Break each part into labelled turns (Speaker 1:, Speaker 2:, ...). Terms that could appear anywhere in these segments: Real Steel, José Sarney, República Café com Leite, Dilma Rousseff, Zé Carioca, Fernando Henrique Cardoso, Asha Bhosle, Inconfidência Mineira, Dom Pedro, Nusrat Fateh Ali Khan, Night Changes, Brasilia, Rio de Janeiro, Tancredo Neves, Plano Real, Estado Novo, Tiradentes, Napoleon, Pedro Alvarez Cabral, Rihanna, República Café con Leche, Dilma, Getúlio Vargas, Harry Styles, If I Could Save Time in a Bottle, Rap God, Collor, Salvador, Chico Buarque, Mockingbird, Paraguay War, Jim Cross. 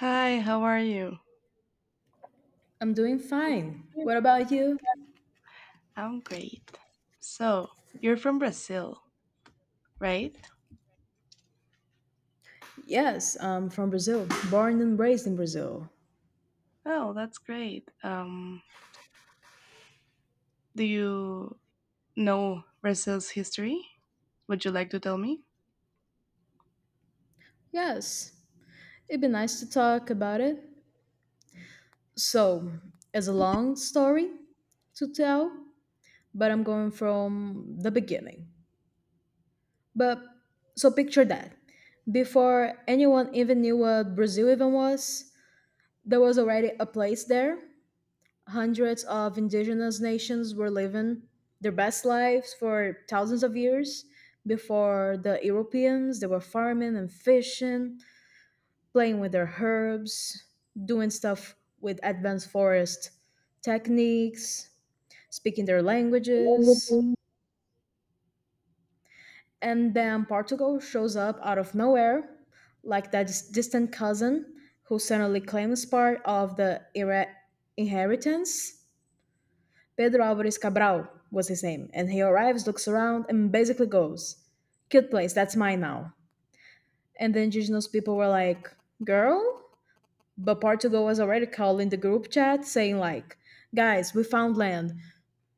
Speaker 1: Hi, how are you?
Speaker 2: I'm doing fine. What about you?
Speaker 1: I'm great. So, you're from Brazil, right?
Speaker 2: Yes, I'm from Brazil, born and raised in Brazil.
Speaker 1: Oh, that's great. Do you know Brazil's history? Would you like to tell me?
Speaker 2: Yes, it'd be nice to talk about it. So, it's a long story to tell, but I'm going from the beginning. But so picture that. Before anyone even knew what Brazil even was, there was already a place there. Hundreds of indigenous nations were living their best lives for thousands of years before the Europeans. They were farming and fishing, playing with their herbs, doing stuff with advanced forest techniques, speaking their languages. And then Portugal shows up out of nowhere, like that distant cousin who suddenly claims part of the inheritance. Pedro Alvarez Cabral was his name. And he arrives, looks around, and basically goes, "Cute place, that's mine now." And the indigenous people were like, "Girl?" But Portugal was already calling the group chat saying, like, "Guys, we found land."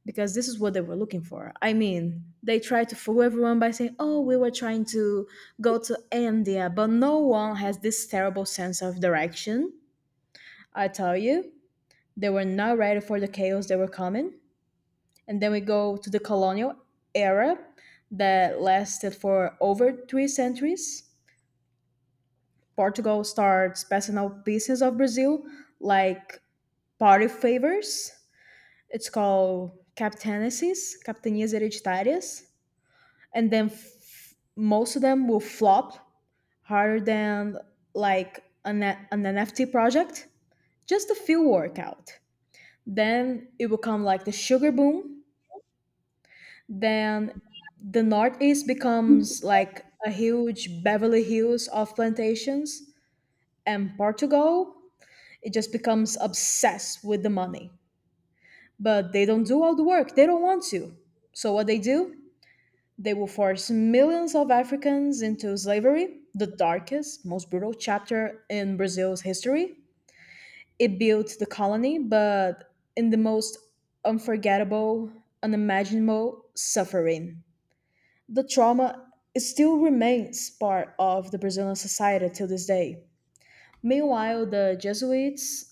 Speaker 2: Because this is what they were looking for. I mean, they tried to fool everyone by saying, "Oh, we were trying to go to India," but no one has this terrible sense of direction, I tell you. They were not ready for the chaos they were coming. And then we go to the colonial era that lasted for over three centuries. Portugal starts passing out pieces of Brazil like party favors. It's called captainacies, capitanias hereditárias. And then most of them will flop harder than an NFT project. Just a few work out. Then it will come like the sugar boom. Then the Northeast becomes like a huge Beverly Hills of plantations, and Portugal, it just becomes obsessed with the money. But they don't do all the work, they don't want to. So, what they do? They will force millions of Africans into slavery, the darkest, most brutal chapter in Brazil's history. It built the colony, but in the most unforgettable, unimaginable suffering. The trauma still remains part of the Brazilian society till this day. Meanwhile, the Jesuits,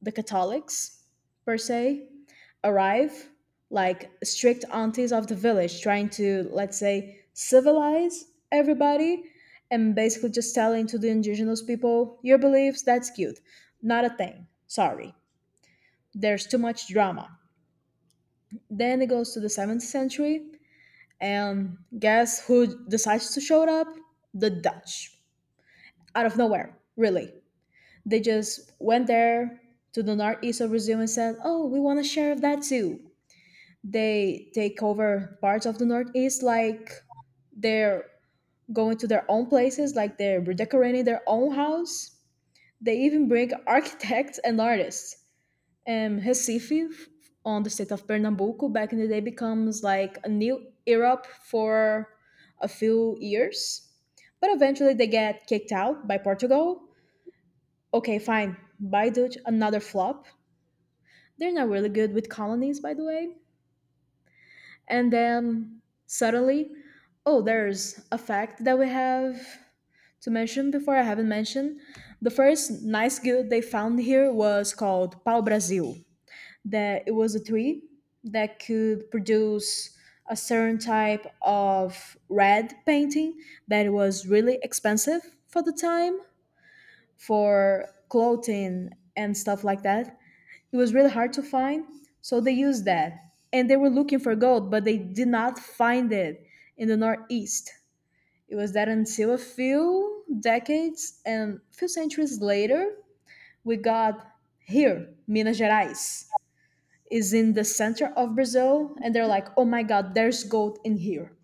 Speaker 2: the Catholics per se, arrive like strict aunties of the village, trying to, let's say, civilize everybody, and basically just telling to the indigenous people, "Your beliefs, that's cute. Not a thing. Sorry. There's too much drama." Then it goes to the 7th century. And guess who decides to show up? The Dutch. Out of nowhere, really. They just went there to the northeast of Brazil and said, "Oh, we want a share of that too." They take over parts of the northeast like they're going to their own places, like they're redecorating their own house. They even bring architects and artists. Recife on the state of Pernambuco back in the day becomes like a new Europe for a few years. But eventually they get kicked out by Portugal. Okay, fine. Baidut, another flop. They're not really good with colonies, by the way. And then suddenly, oh, there's a fact that we have to mention before I haven't mentioned. The first nice good they found here was called Pau Brasil, that it was a tree that could produce a certain type of red painting that was really expensive for the time, for clothing and stuff like that. It was really hard to find, so they used that. And they were looking for gold, but they did not find it in the Northeast. It was that until a few decades and a few centuries later, we got here. Minas Gerais is in the center of Brazil, and they're like, oh my God, there's gold in here.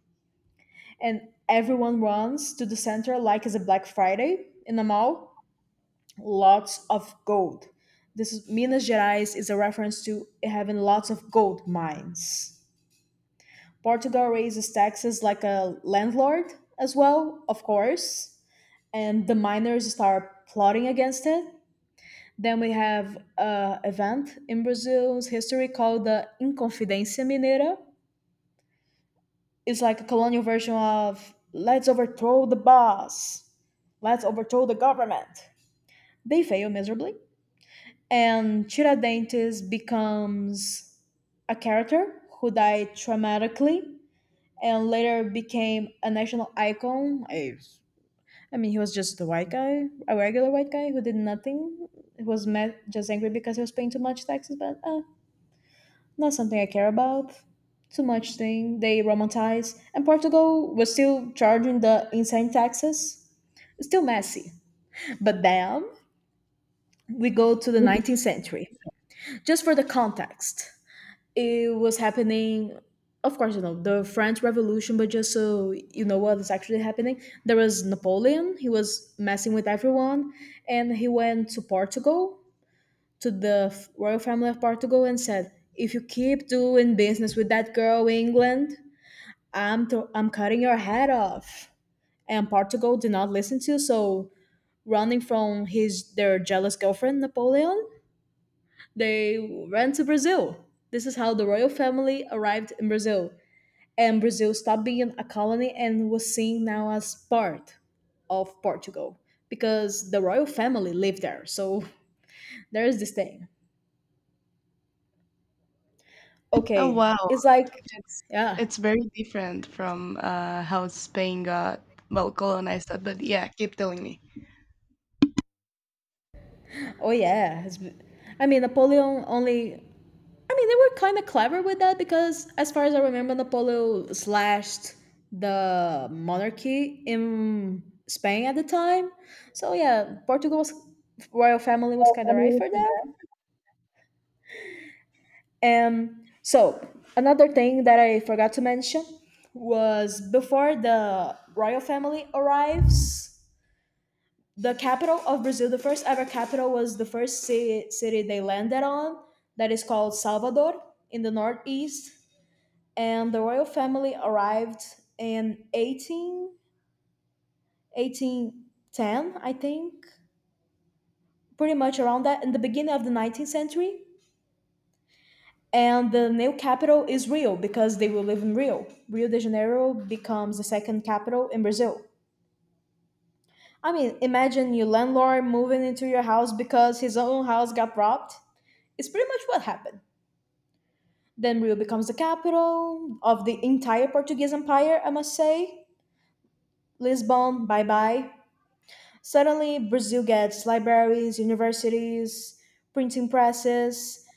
Speaker 2: And everyone runs to the center like it's a Black Friday in a mall. Lots of gold. This is, Minas Gerais is a reference to having lots of gold mines. Portugal raises taxes like a landlord as well, of course, and the miners start plotting against it. Then we have an event in Brazil's history called the Inconfidência Mineira. It's like a colonial version of let's overthrow the boss, let's overthrow the government. They fail miserably, and Tiradentes becomes a character who died traumatically and later became a national icon. I mean, he was just a white guy, a regular white guy who did nothing. He was mad, just angry because he was paying too much taxes, but not something I care about. Too much thing they romanticize. And Portugal was still charging the insane taxes. Still messy. But then we go to the
Speaker 1: Mhm.
Speaker 2: 19th century. Just for the context, it was happening. Of course, you know the French Revolution, but just so you know what is actually happening, there was Napoleon. He was messing with everyone, and he went to Portugal, to the royal family of Portugal, and said, "If you keep doing business with that girl, England, I'm cutting your head off." And Portugal did not listen to, so running from his, their jealous girlfriend Napoleon, they ran to Brazil. This is how the royal family arrived in Brazil, and Brazil stopped being a colony and was seen now as part of Portugal because the royal family lived there. So there is this thing.
Speaker 1: Oh,
Speaker 2: Okay,
Speaker 1: wow.
Speaker 2: it's like,
Speaker 1: It's
Speaker 2: yeah.
Speaker 1: it's very different from how Spain got well colonized that, but yeah, keep telling me.
Speaker 2: Oh yeah. It's- I mean, Napoleon only, I mean, they were kind of clever with that because, as far as I remember, Napoleon slashed the monarchy in Spain at the time. So yeah, Portugal's royal family was kind of right for that. So another thing that I forgot to mention was, before the royal family arrives, the capital of Brazil, the first ever capital, was the first city they landed on, that is called Salvador in the northeast. And the royal family arrived in 18, 1810, I think, pretty much around that, in the beginning of the 19th century. And the new capital is Rio because they will live in Rio. Rio de Janeiro becomes the second capital in Brazil. I mean, imagine your landlord moving into your house because his own house got robbed. It's pretty much what happened. Then Rio becomes the capital of the entire Portuguese Empire, I must say. Lisbon, bye bye. Suddenly, Brazil gets libraries, universities, printing presses.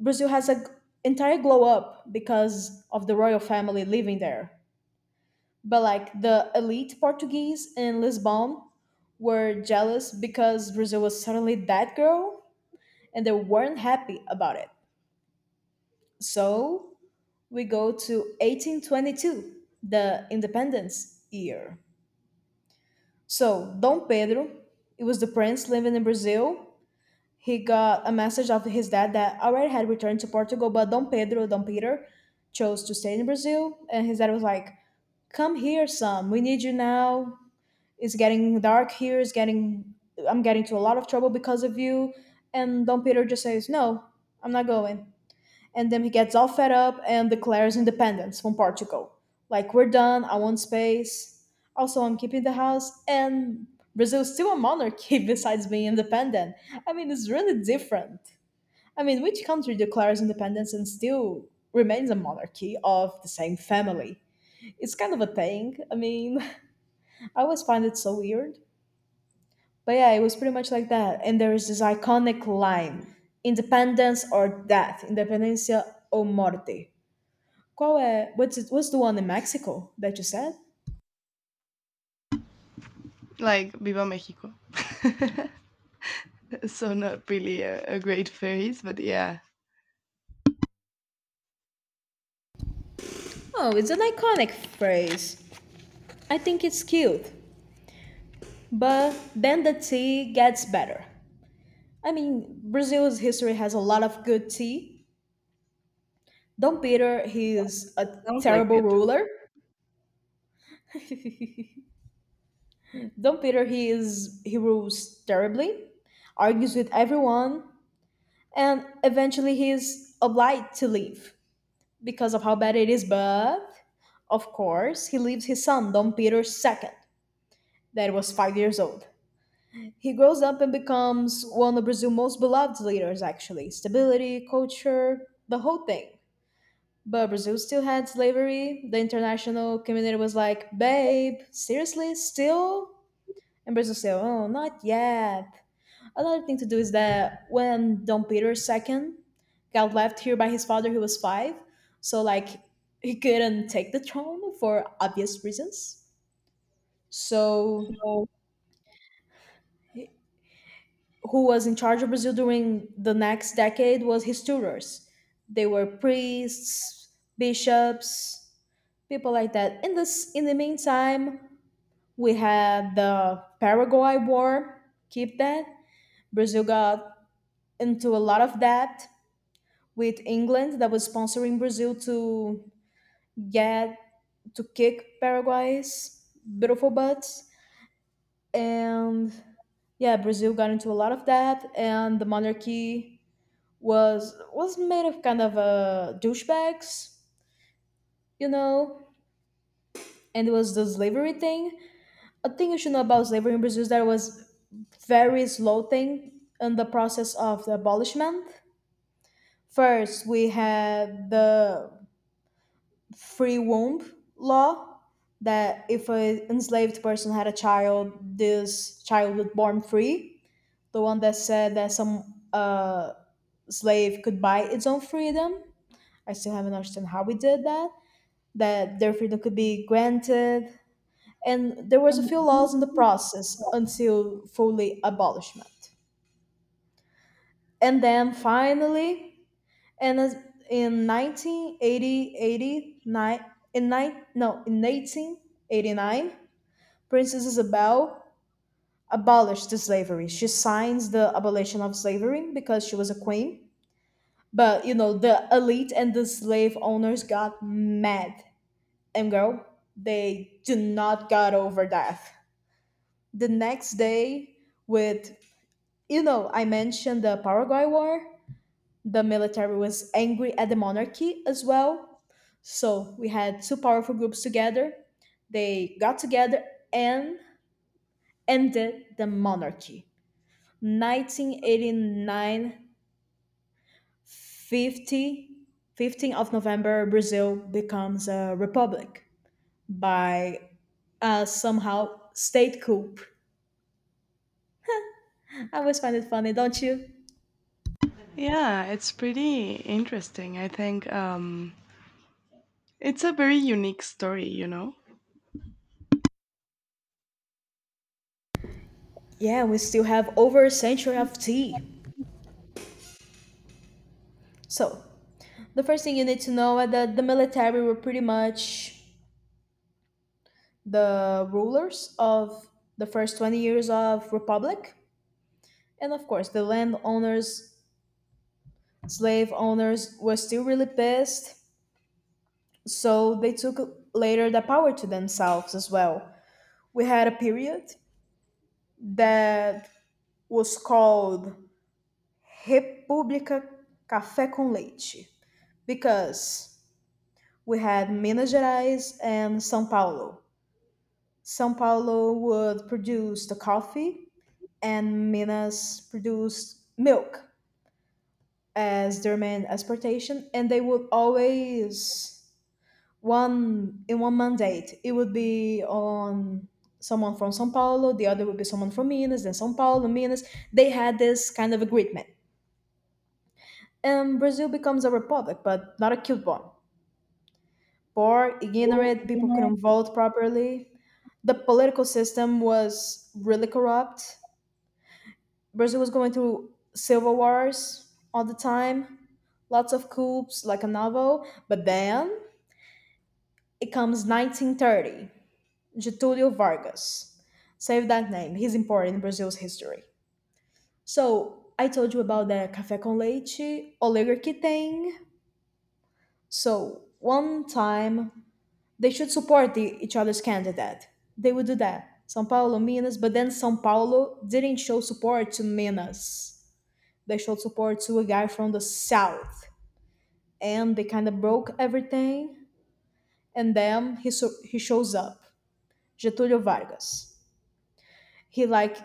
Speaker 2: Brazil has an entire glow up because of the royal family living there. But like the elite Portuguese in Lisbon were jealous because Brazil was suddenly that girl and they weren't happy about it. So we go to 1822, the independence year. So Dom Pedro, it was the prince living in Brazil, he got a message of his dad that already had returned to Portugal, but Dom Pedro, Dom Peter, chose to stay in Brazil. And his dad was like, "Come here, son. We need you now. It's getting dark here. It's getting, I'm getting into a lot of trouble because of you." And Dom Peter just says, "No, I'm not going." And then he gets all fed up and declares independence from Portugal. Like, we're done, I want space. Also, I'm keeping the house, and Brazil's still a monarchy besides being independent. I mean, it's really different. I mean, which country declares independence and still remains a monarchy of the same family? It's kind of a thing. I mean, I always find it so weird. But yeah, it was pretty much like that. And there is this iconic line, independence or death, independencia o muerte. Qual é? What's the one in Mexico that you said?
Speaker 1: Like Viva Mexico. So not really a great phrase, but yeah,
Speaker 2: Oh, it's an iconic phrase. I think it's cute. But then the tea gets better. I mean, Brazil's history has a lot of good tea. Dom Pedro, he is a
Speaker 1: it sounds like
Speaker 2: terrible
Speaker 1: it.
Speaker 2: ruler. Dom Pedro, he rules terribly, argues with everyone, and eventually he is obliged to leave because of how bad it is. But of course, he leaves his son Don Peter second, that was 5 years old. He grows up and becomes one of Brazil's most beloved leaders, actually. Stability, culture, the whole thing. But Brazil still had slavery. The international community was like, "Babe, seriously, still?" And Brazil said, oh, not yet. Another thing to do is that when Dom Peter II got left here by his father, he was five. So, like, he couldn't take the throne for obvious reasons. So who was in charge of Brazil during the next decade was his tutors. They were priests, bishops, people like that. In the meantime, we had the Paraguay War. Keep that. Brazil got into a lot of debt with England that was sponsoring Brazil to get to kick Paraguay's beautiful butts. And yeah, Brazil got into a lot of debt, and the monarchy was made of kind of douchebags, you know, and it was the slavery thing. A thing you should know about slavery in Brazil is that it was very slow thing in the process of the abolishment. First, we had the free womb law that if an enslaved person had a child, this child would born free. The one that said that some slave could buy its own freedom. I still haven't understood how we did that, that their freedom could be granted, and there was a few laws in the process until fully abolishment. And then finally, and as- in 1980, 89, in nine, no, in 1889, Princess Isabel abolished the slavery. She signs the abolition of slavery because she was a queen. But you know, the elite and the slave owners got mad. And girl, they do not got over that. The next day, with, you know, I mentioned the Paraguay War. The military was angry at the monarchy as well, so we had two powerful groups together. They got together and ended the monarchy. 1989, 50 15th of November, Brazil becomes a republic by, somehow, state coup. I always find it funny, don't you?
Speaker 1: Yeah, it's pretty interesting. I think it's a very unique story, you know.
Speaker 2: Yeah, we still have over a century of tea. So, the first thing you need to know is that the military were pretty much the rulers of the first 20 years of republic. And of course, the landowners, slave owners were still really pissed, so they took later the power to themselves as well. We had a period that was called República Café com Leite, because we had Minas Gerais and São Paulo. São Paulo would produce the coffee, and Minas produced milk as their main exportation. And they would always one in one mandate. It would be on someone from São Paulo, the other would be someone from Minas, then São Paulo, Minas. They had this kind of agreement. And Brazil becomes a republic, but not a cute one. Poor, ignorant, people couldn't vote properly. The political system was really corrupt. Brazil was going through civil wars all the time, lots of coups, like a novel. But then it comes 1930. Getulio Vargas. Save that name, he's important in Brazil's history. So, I told you about the café com leite oligarchy thing. So, one time they should support each other's candidate. They would do that. Sao Paulo, Minas, but then Sao Paulo didn't show support to Minas. They showed support to a guy from the south, and they kind of broke everything. And then he shows up, Getúlio Vargas. He like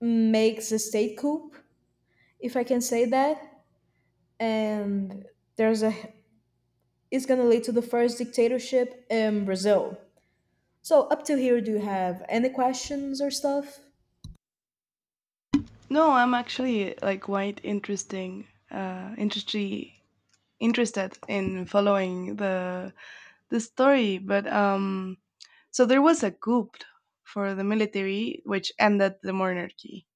Speaker 2: makes a state coup, if I can say that. And there's a it's gonna lead to the first dictatorship in Brazil. So up to here, do you have any questions or stuff?
Speaker 1: No, I'm actually like quite interesting, interested in following the story. But so there was a coup for the military, which ended the monarchy,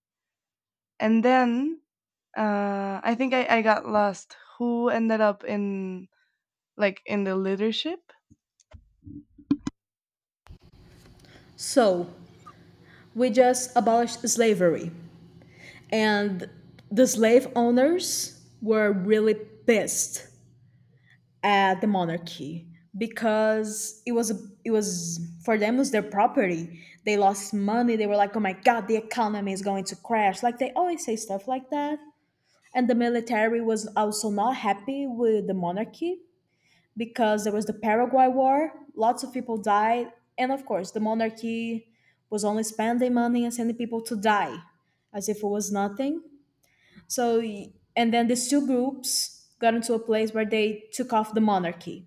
Speaker 1: and then I think I got lost. Who ended up in like in the leadership?
Speaker 2: So we just abolished slavery, and the slave owners were really pissed at the monarchy, because it was, for them, it was their property. They lost money. They were like, "Oh my god, the economy is going to crash." Like they always say stuff like that. And the military was also not happy with the monarchy, because there was the Paraguay War, lots of people died, and of course, the monarchy was only spending money and sending people to die as if it was nothing. So, and then these two groups got into a place where they took off the monarchy.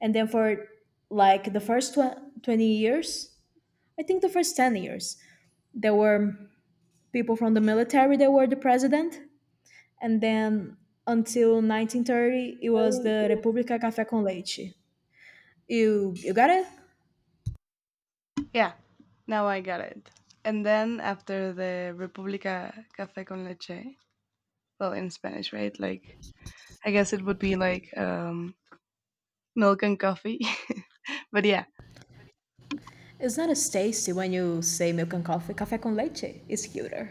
Speaker 2: And then for like the first 20 years, I think the first 10 years, there were people from the military that were the president. And then until 1930, it was the República Café com Leite. You got it?
Speaker 1: Yeah, now I got it. And then after the República Café con Leche, well, in Spanish, right? Like, I guess it would be like milk and coffee. But yeah,
Speaker 2: It's not as tasty when you say milk and coffee. Café com leite is cuter.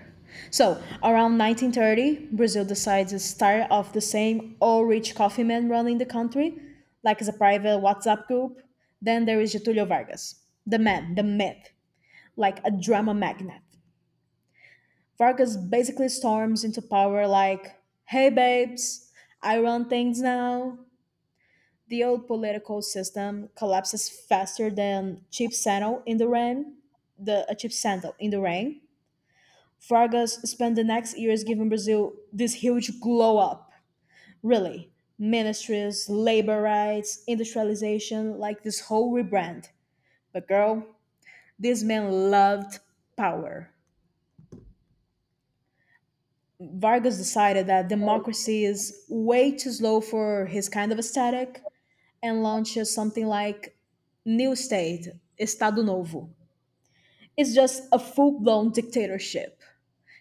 Speaker 2: So, around 1930, Brazil decides to start off the same all rich coffee men running the country, like as a private WhatsApp group. Then there is Getulio Vargas, the man, the myth, like a drama magnet. Vargas basically storms into power like, hey babes, I run things now. The old political system collapses faster than cheap sandal in the rain. The a cheap sandal in the rain. Vargas spent the next years giving Brazil this huge glow up. Really, ministries, labor rights, industrialization, like this whole rebrand. But girl, this man loved power. Vargas decided that democracy is way too slow for his kind of aesthetic, and launches something like New State, Estado Novo. Is just a full blown dictatorship.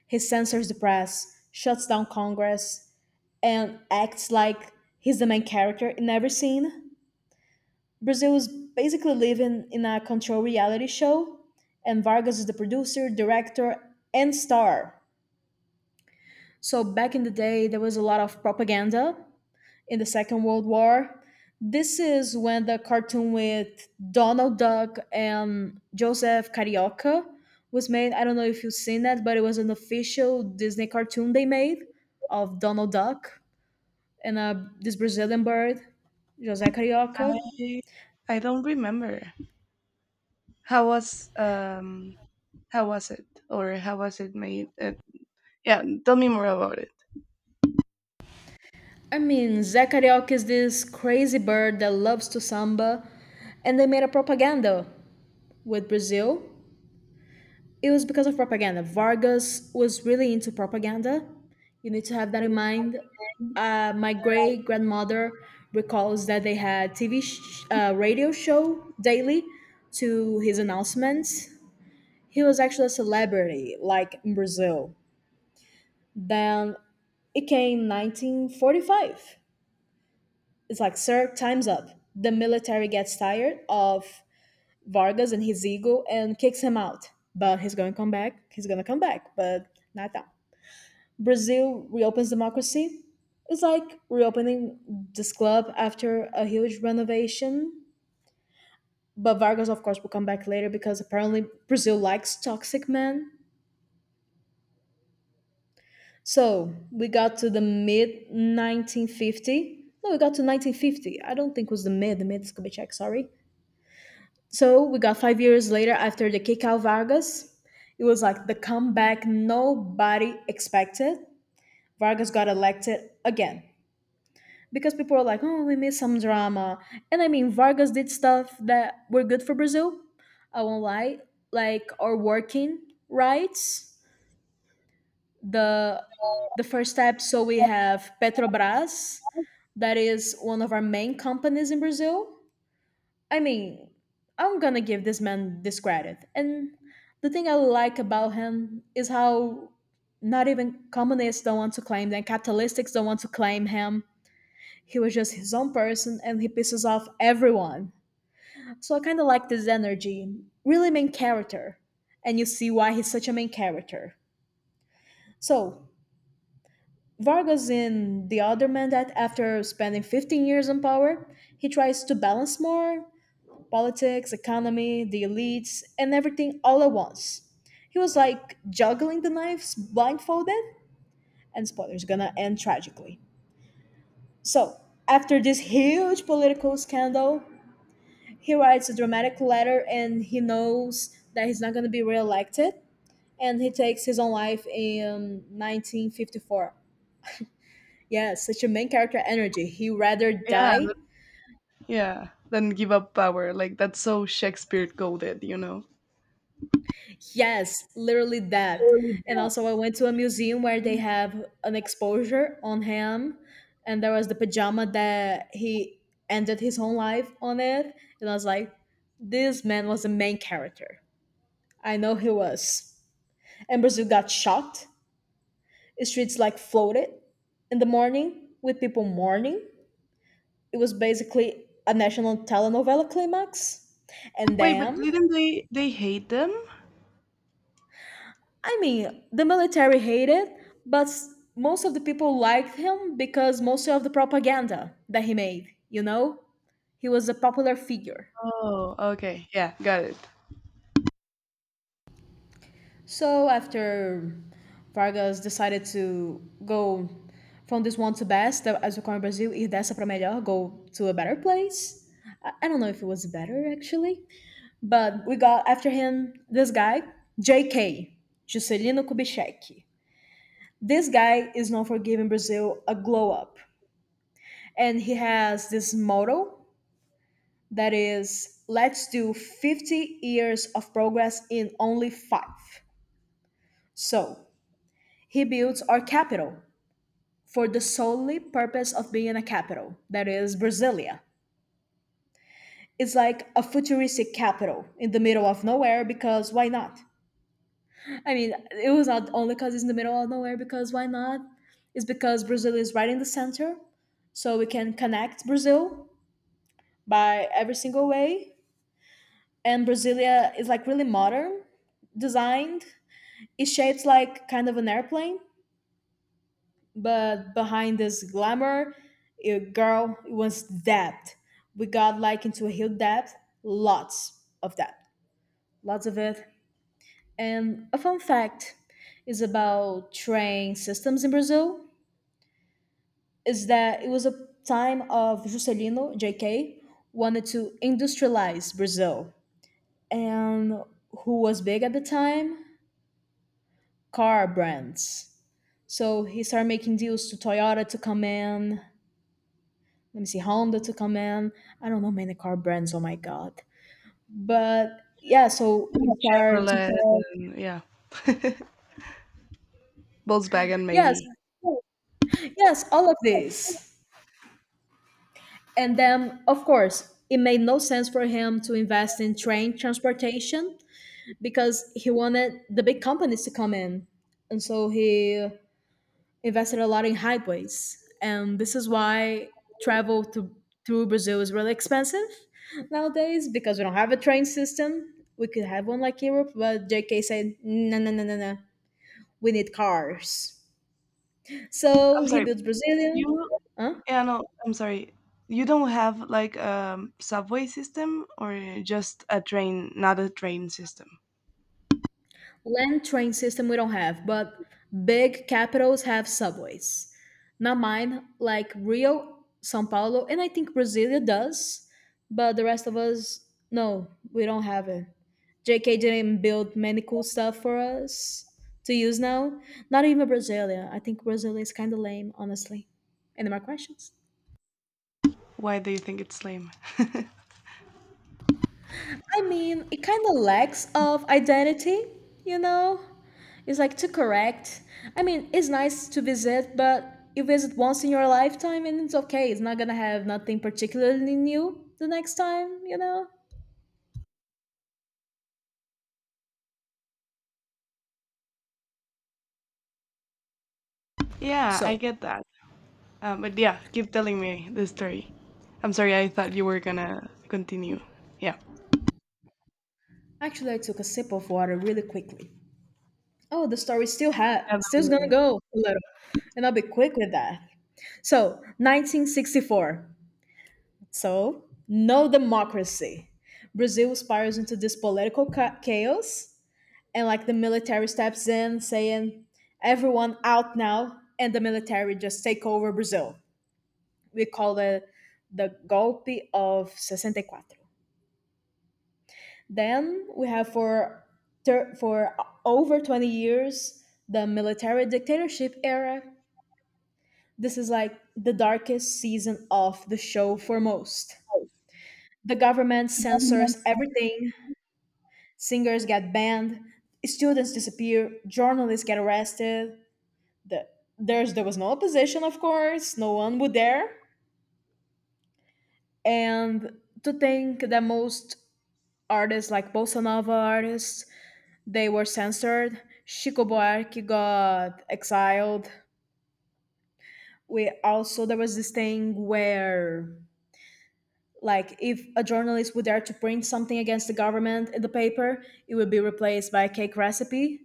Speaker 2: He censors the press, shuts down Congress, and acts like he's the main character in every scene. Brazil is basically living in a controlled reality show, and Vargas is the producer, director, and star. So back in the day, there was a lot of propaganda in the Second World War. This is when the cartoon with Donald Duck and Joseph Carioca was made. I don't know if you've seen that, but it was an official Disney cartoon they made of Donald Duck and, this Brazilian bird, José Carioca.
Speaker 1: I I don't remember how was um how was it or how was it made. Yeah, tell me more about it.
Speaker 2: I mean, Zé Carioca is this crazy bird that loves to samba, and they made a propaganda with Brazil. It was because of propaganda. Vargas was really into propaganda. You need to have that in mind. My great grandmother recalls that they had TV radio show daily to his announcements. He was actually a celebrity, like in Brazil. Then it came 1945. It's like, sir, time's up. The military gets tired of Vargas and his ego and kicks him out. But he's going to come back. He's going to come back, but not now. Brazil reopens democracy. It's like reopening this club after a huge renovation. But Vargas, of course, will come back later because apparently Brazil likes toxic men. So we got to the mid 1950. No, we got to 1950. I don't think it was the mid. The mid is Kubitschek, sorry. So we got 5 years later after the kick out Vargas. It was like the comeback nobody expected. Vargas got elected again because people are like, oh, we miss some drama. And I mean, Vargas did stuff that were good for Brazil. I won't lie, like our working rights. The the first step. So we have Petrobras, that is one of our main companies in Brazil. I mean, I'm gonna give this man this credit. And the thing I like about him is how not even communists don't want to claim them, capitalists don't want to claim him, he was just his own person and he pisses off everyone. So I kind of like this energy. Really main character. And you see why he's such a main character. So, Vargas in The Other Man that after spending 15 years in power, he tries to balance more politics, economy, the elites, and everything all at once. He was like juggling the knives blindfolded, and spoilers gonna end tragically. So, after this huge political scandal, he writes a dramatic letter and he knows that he's not going to be reelected, and he takes his own life in 1954. Yes, such a main character energy. He rather
Speaker 1: Yeah,
Speaker 2: die.
Speaker 1: yeah. Then give up power. Like that's so Shakespeare coded, you know.
Speaker 2: Yes, literally that.
Speaker 1: Really
Speaker 2: And
Speaker 1: bad.
Speaker 2: also, I went to a museum where they have an exposure on him, and there was the pajama that he ended his own life on it. And I was like, this man was the main character. I know he was. And Brazil got shocked. Streets like floated in the morning with people mourning. It was basically a national telenovela climax. And
Speaker 1: Wait, but
Speaker 2: then,
Speaker 1: didn't they hate them?
Speaker 2: I mean, the military hated, but most of the people liked him because most of the propaganda that he made, you know? He was a popular figure.
Speaker 1: Oh, okay. Yeah, got it.
Speaker 2: So after Vargas decided to go from this one to best, as we call in Brazil, ir dessa pra melhor, go to a better place. I don't know if it was better actually, but we got after him this guy, JK, Juscelino Kubitschek. This guy is known for giving Brazil a glow up. And he has this motto that is let's do 50 years of progress in only five. So he builds our capital for the solely purpose of being a capital, that is Brasilia. It's like a futuristic capital in the middle of nowhere because why not? I mean, it was not only because it's in the middle of nowhere, because why not? It's because Brazil is right in the center, so we can connect Brazil by every single way. And Brasilia is like really modern, designed. It shapes like kind of an airplane, but behind this glamour, it, girl, it was depth. We got like into a huge depth, lots of it. And a fun fact is about train systems in Brazil, is that it was a time of Juscelino JK wanted to industrialize Brazil, and who was big at the time? Car brands. So he started making deals to Toyota to come in. Let me see, Honda to come in. I don't know many car brands. Oh my god! But yeah, so he
Speaker 1: Yeah,
Speaker 2: starts.
Speaker 1: Chevrolet and yeah, Volkswagen
Speaker 2: Yes,
Speaker 1: maybe.
Speaker 2: yes, all of this. And then, of course, it made no sense for him to invest in train transportation because he wanted the big companies to come in. And so he invested a lot in highways. And this is why travel through Brazil is really expensive nowadays because we don't have a train system. We could have one like Europe, but JK said, no, no, no, no, no. We need cars. So
Speaker 1: I'm
Speaker 2: he
Speaker 1: sorry,
Speaker 2: built Brazilian.
Speaker 1: you
Speaker 2: Huh?
Speaker 1: Yeah, no, I'm sorry. You don't have like a subway system or just a train, not a train system.
Speaker 2: Land train system we don't have, but big capitals have subways. Not mine, like Rio, São Paulo, and I think Brasilia does, but the rest of us, no, we don't have it. JK didn't build many cool stuff for us to use now. Not even Brasilia. I think Brasilia is kind of lame, honestly. Any more questions?
Speaker 1: Why do you think it's lame?
Speaker 2: I mean, it kind of lacks of identity, you know? It's like to correct. I mean, it's nice to visit, but you visit once in your lifetime and it's okay. It's not gonna have nothing particularly new the next time, you know?
Speaker 1: Yeah, I
Speaker 2: So,
Speaker 1: get that. But yeah, keep telling me the story. I'm sorry, I thought you were gonna continue. Yeah.
Speaker 2: actually, I took a sip of water really quickly. Oh, the story
Speaker 1: Yeah, don't
Speaker 2: still's gonna
Speaker 1: worry.
Speaker 2: go a little. And I'll be quick with that. So, 1964. So, no democracy. Brazil spirals into this political chaos, and like the military steps in saying everyone out now, and the military just take over Brazil. We call it the golpe of 64. Then we have for for over 20 years the military dictatorship era. This is like the darkest season of the show for most. The government censors everything. Singers get banned. Students disappear. Journalists get arrested. The, there's there was no opposition, of course. No one would dare. And to think that most artists, like bossa nova artists, they were censored. Chico Buarque got exiled. We also there was this thing where, like, if a journalist would dare to print something against the government in the paper, it would be replaced by a cake recipe.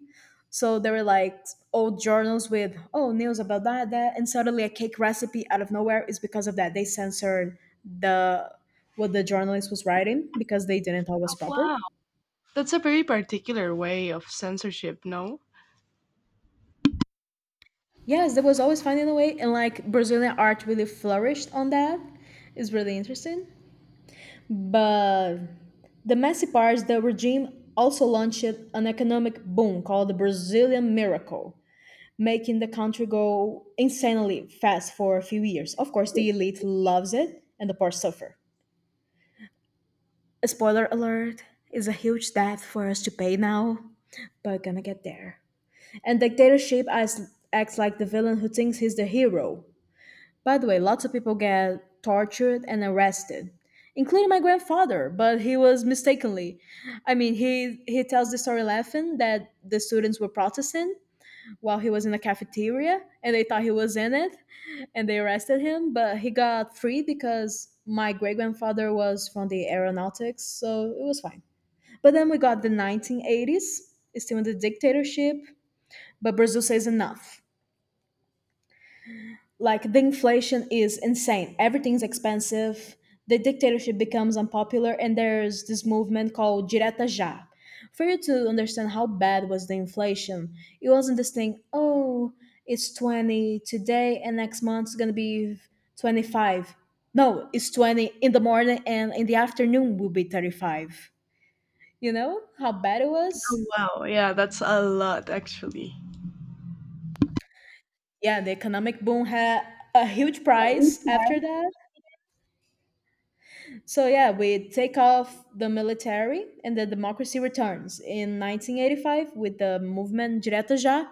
Speaker 2: So there were like old journals with, oh, news about that, and suddenly a cake recipe out of nowhere, is because of that they censored the what the journalist was writing, because they didn't thought was proper.
Speaker 1: Wow, that's a very particular way of censorship, no?
Speaker 2: Yes, they was always finding a way, and like Brazilian art really flourished on that. It's really interesting. But the messy part is, the regime also launched an economic boom called the Brazilian Miracle, making the country go insanely fast for a few years. Of course, the elite loves it and the poor suffer. Spoiler alert, is a huge debt for us to pay now, but we're gonna get there. And dictatorship acts like the villain who thinks he's the hero. By the way, lots of people get tortured and arrested, including my grandfather, but he was mistakenly. I mean, he tells the story laughing that the students were protesting while he was in the cafeteria and they thought he was in it, and they arrested him, but he got free because my great grandfather was from the aeronautics, so it was fine. But then we got the 1980s, still in the dictatorship, but Brazil says enough. Like the inflation is insane. Everything's expensive. The dictatorship becomes unpopular, and there's this movement called Direta Já. For you to understand how bad was the inflation, it wasn't this thing. Oh, it's 20 today, and next month's gonna be 25. No, it's 20 in the morning, and in the afternoon will be 35. You know how bad it
Speaker 1: Oh,
Speaker 2: was?
Speaker 1: wow. Yeah, that's a lot actually.
Speaker 2: Yeah, the economic boom had a huge price after that. So yeah, we take off the military and the democracy returns in 1985 with the movement Direto Já.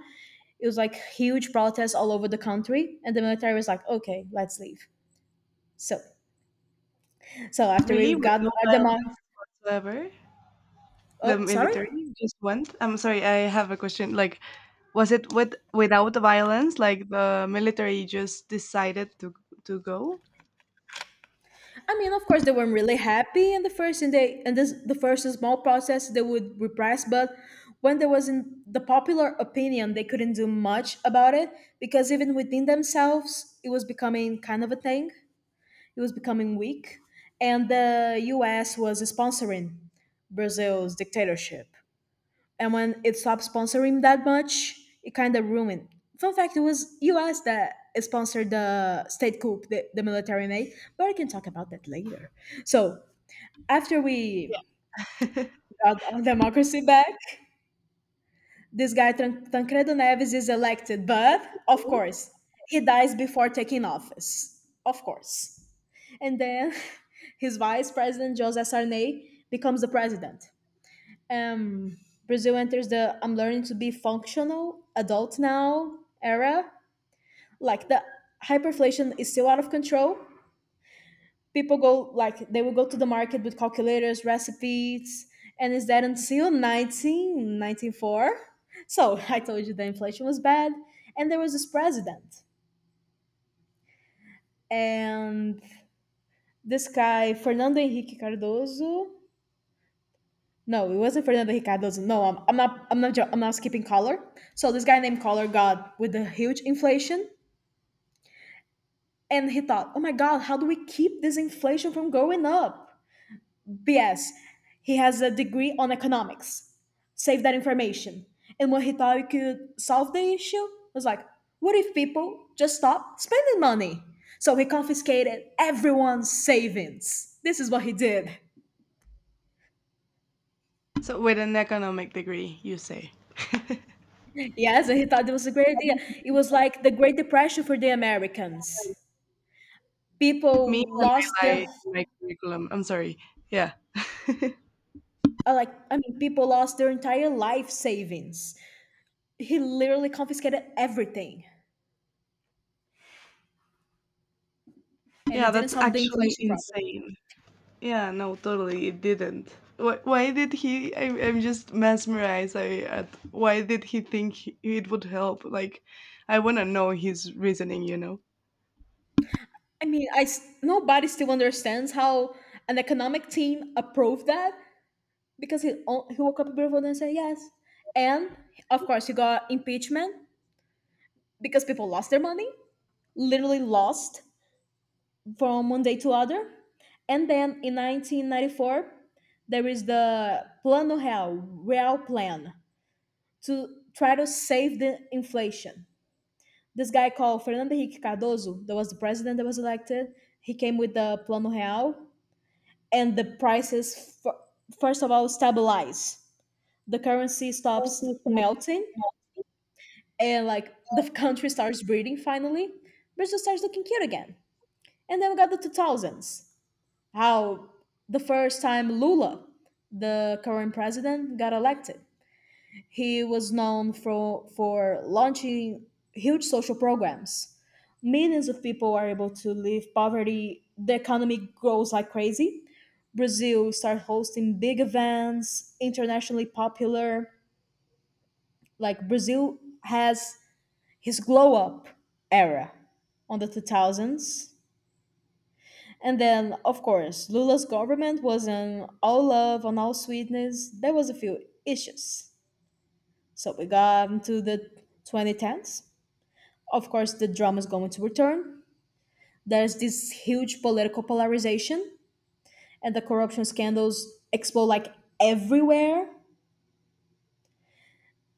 Speaker 2: It was like huge protests all over the country, and the military was like, "Okay, let's leave." So, so, after we
Speaker 1: Really? With
Speaker 2: got
Speaker 1: no
Speaker 2: our demo,
Speaker 1: violence whatsoever? The
Speaker 2: oh sorry.
Speaker 1: military just went? I'm sorry, I have a question. Like, was it with without violence? Like the military just decided to go?
Speaker 2: I mean, of course, they weren't really happy in the first, and this the first small process they would repress, but when there was in the popular opinion, they couldn't do much about it, because even within themselves, it was becoming kind of a thing. It was becoming weak, and the US was sponsoring Brazil's dictatorship. And when it stopped sponsoring that much, it kind of ruined. Fun fact, it was US that sponsored the state coup the military made, but I can talk about that later. So after we got our democracy back, this guy Tancredo Neves is elected, but of course, he dies before taking office. Of course. And then his vice president José Sarney becomes the president. Um, Brazil enters the "I'm learning to be functional adult now" era. Like the hyperinflation is still out of control. People go like they will go to the market with calculators, recipes, and is that until 1994? So I told you the inflation was bad, and there was this president, and this guy Fernando Henrique Cardoso. No, it wasn't Fernando Ricardo's. No, I'm not. I'm not. I'm not skipping Collor. So this guy named Collor got with the huge inflation, and he thought, "Oh my God, how do we keep this inflation from going up?" BS. He has a degree on economics. Save that information. And when he thought he could solve the issue, it was like, "What if people just stop spending money?" So he confiscated everyone's savings. This is what he did.
Speaker 1: So with an economic degree, you say.
Speaker 2: Yes, and he thought it was a great idea. It was like the Great Depression for the Americans.
Speaker 1: Me
Speaker 2: People
Speaker 1: when
Speaker 2: lost
Speaker 1: I lie in my curriculum. I'm sorry. Yeah.
Speaker 2: like, I mean, people lost their entire life savings. He literally confiscated everything, and
Speaker 1: Yeah,
Speaker 2: it didn't
Speaker 1: that's
Speaker 2: solve the
Speaker 1: actually
Speaker 2: inflation problem.
Speaker 1: insane. Yeah, no, totally, it didn't. Why did he? I'm just mesmerized at why did he think he, it would help? Like, I want to know his reasoning, you know?
Speaker 2: I mean, nobody still understands how an economic team approved that, because he woke up in Brooklyn and said yes, and of course he got impeachment because people lost their money, literally lost from one day to other. And then in 1994, there is the Plano Real, Real Plan, to try to save the inflation. This guy called Fernando Henrique Cardoso, that was the president that was elected, he came with the Plano Real, and the prices, first of all, stabilize. The currency stops melting, and like the country starts breathing finally. Brazil starts looking cute again. And then we got the 2000s, how the first time Lula, the current president, got elected. He was known for launching huge social programs. Millions of people are able to leave poverty. The economy grows like crazy. Brazil start hosting big events, internationally popular. Like Brazil has his glow up era on the 2000s. And then, of course, Lula's government wasn't all love and all sweetness. There was a few issues. So we got to the 2010s. Of course, the drama is going to return. There's this huge political polarization, and the corruption scandals explode like everywhere.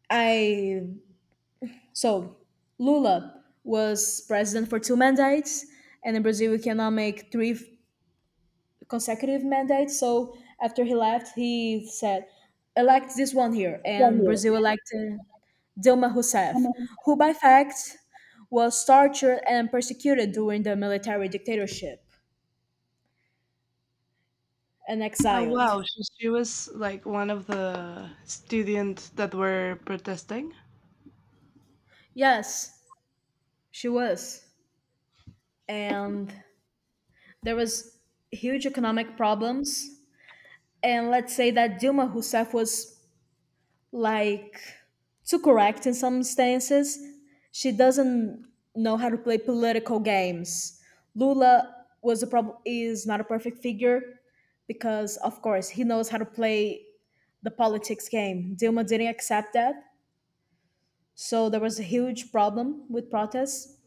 Speaker 2: I so Lula was president for two mandates, and in Brazil, we cannot make three consecutive mandate. So after he left, he said, elect this one here.
Speaker 1: Right
Speaker 2: And
Speaker 1: here.
Speaker 2: Brazil elected Dilma Rousseff, who by fact was tortured and persecuted during the military dictatorship and
Speaker 1: Oh,
Speaker 2: exiled.
Speaker 1: wow, she was like one of the students that were protesting.
Speaker 2: Yes, she was. And there was huge economic problems. And let's say that Dilma Rousseff was like too correct in some stances. She doesn't know how to play political games. Lula was is not a perfect figure, because of course he knows how to play the politics game. Dilma didn't accept that. So there was a huge problem with protests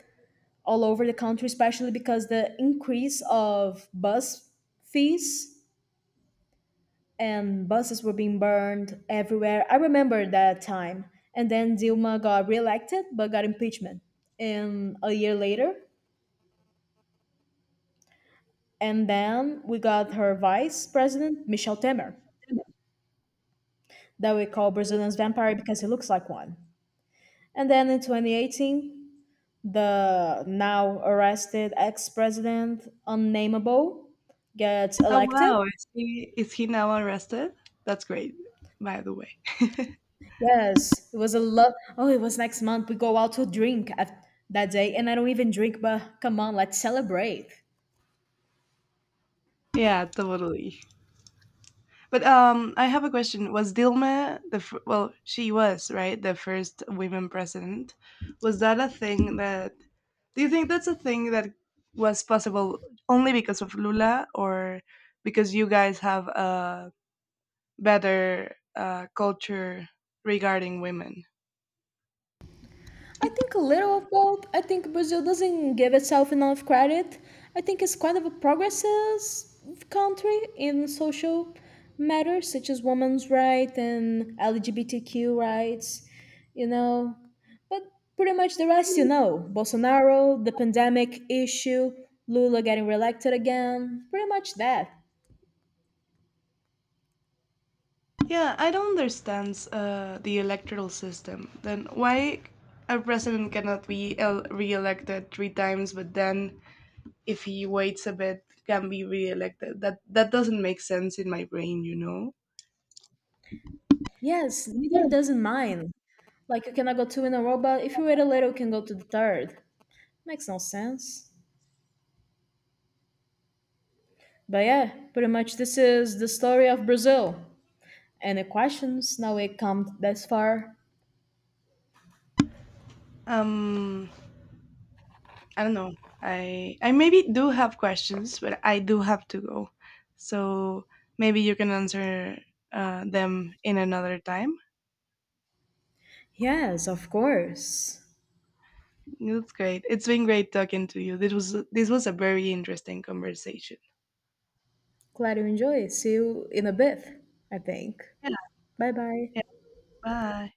Speaker 2: all over the country, especially because the increase of bus fees, and buses were being burned everywhere. I remember that time. And then Dilma got reelected but got impeachment in a year later. And then we got her vice president, Michel Temer, that we call Brazilian's vampire because he looks like one. And then in 2018, the now arrested ex president, Unnamable, gets
Speaker 1: Oh,
Speaker 2: elected.
Speaker 1: wow, is he now arrested? That's great, by the way.
Speaker 2: Yes, it was a love. Oh, it was next month. We go out to drink at that day, and I don't even drink, but come on, let's celebrate.
Speaker 1: Yeah, totally. But I have a question. Was Dilma the fir- well? She was right, the first women president. Was that a thing that? Do you think that's a thing that was possible only because of Lula, or because you guys have a better culture regarding women?
Speaker 2: I think a little of both. I think Brazil doesn't give itself enough credit. I think it's quite of a progressive country in social matters such as women's rights and LGBTQ rights, you know. But pretty much the rest, you know. Bolsonaro, the pandemic issue, Lula getting reelected again, pretty much that.
Speaker 1: Yeah, I don't understand the electoral system. Then why a president cannot be el- re-elected three times, but then if he waits a bit can be reelected that that doesn't make sense in my brain, you know?
Speaker 2: Yes, neither
Speaker 1: Yes.
Speaker 2: doesn't mine. Like you cannot go two in a row, but if you wait a little, you can go to the third. Makes no sense. But yeah, pretty much this is the story of Brazil. Any questions? Now we come this far.
Speaker 1: um I don't know. I maybe do have questions, but I do have to go, so maybe you can answer them in another time.
Speaker 2: Yes, of course.
Speaker 1: That's great. It's been great talking to you. This was a very interesting conversation.
Speaker 2: Glad you enjoy. See you in a bit, I think.
Speaker 1: Yeah.
Speaker 2: Bye bye.
Speaker 1: Yeah, bye.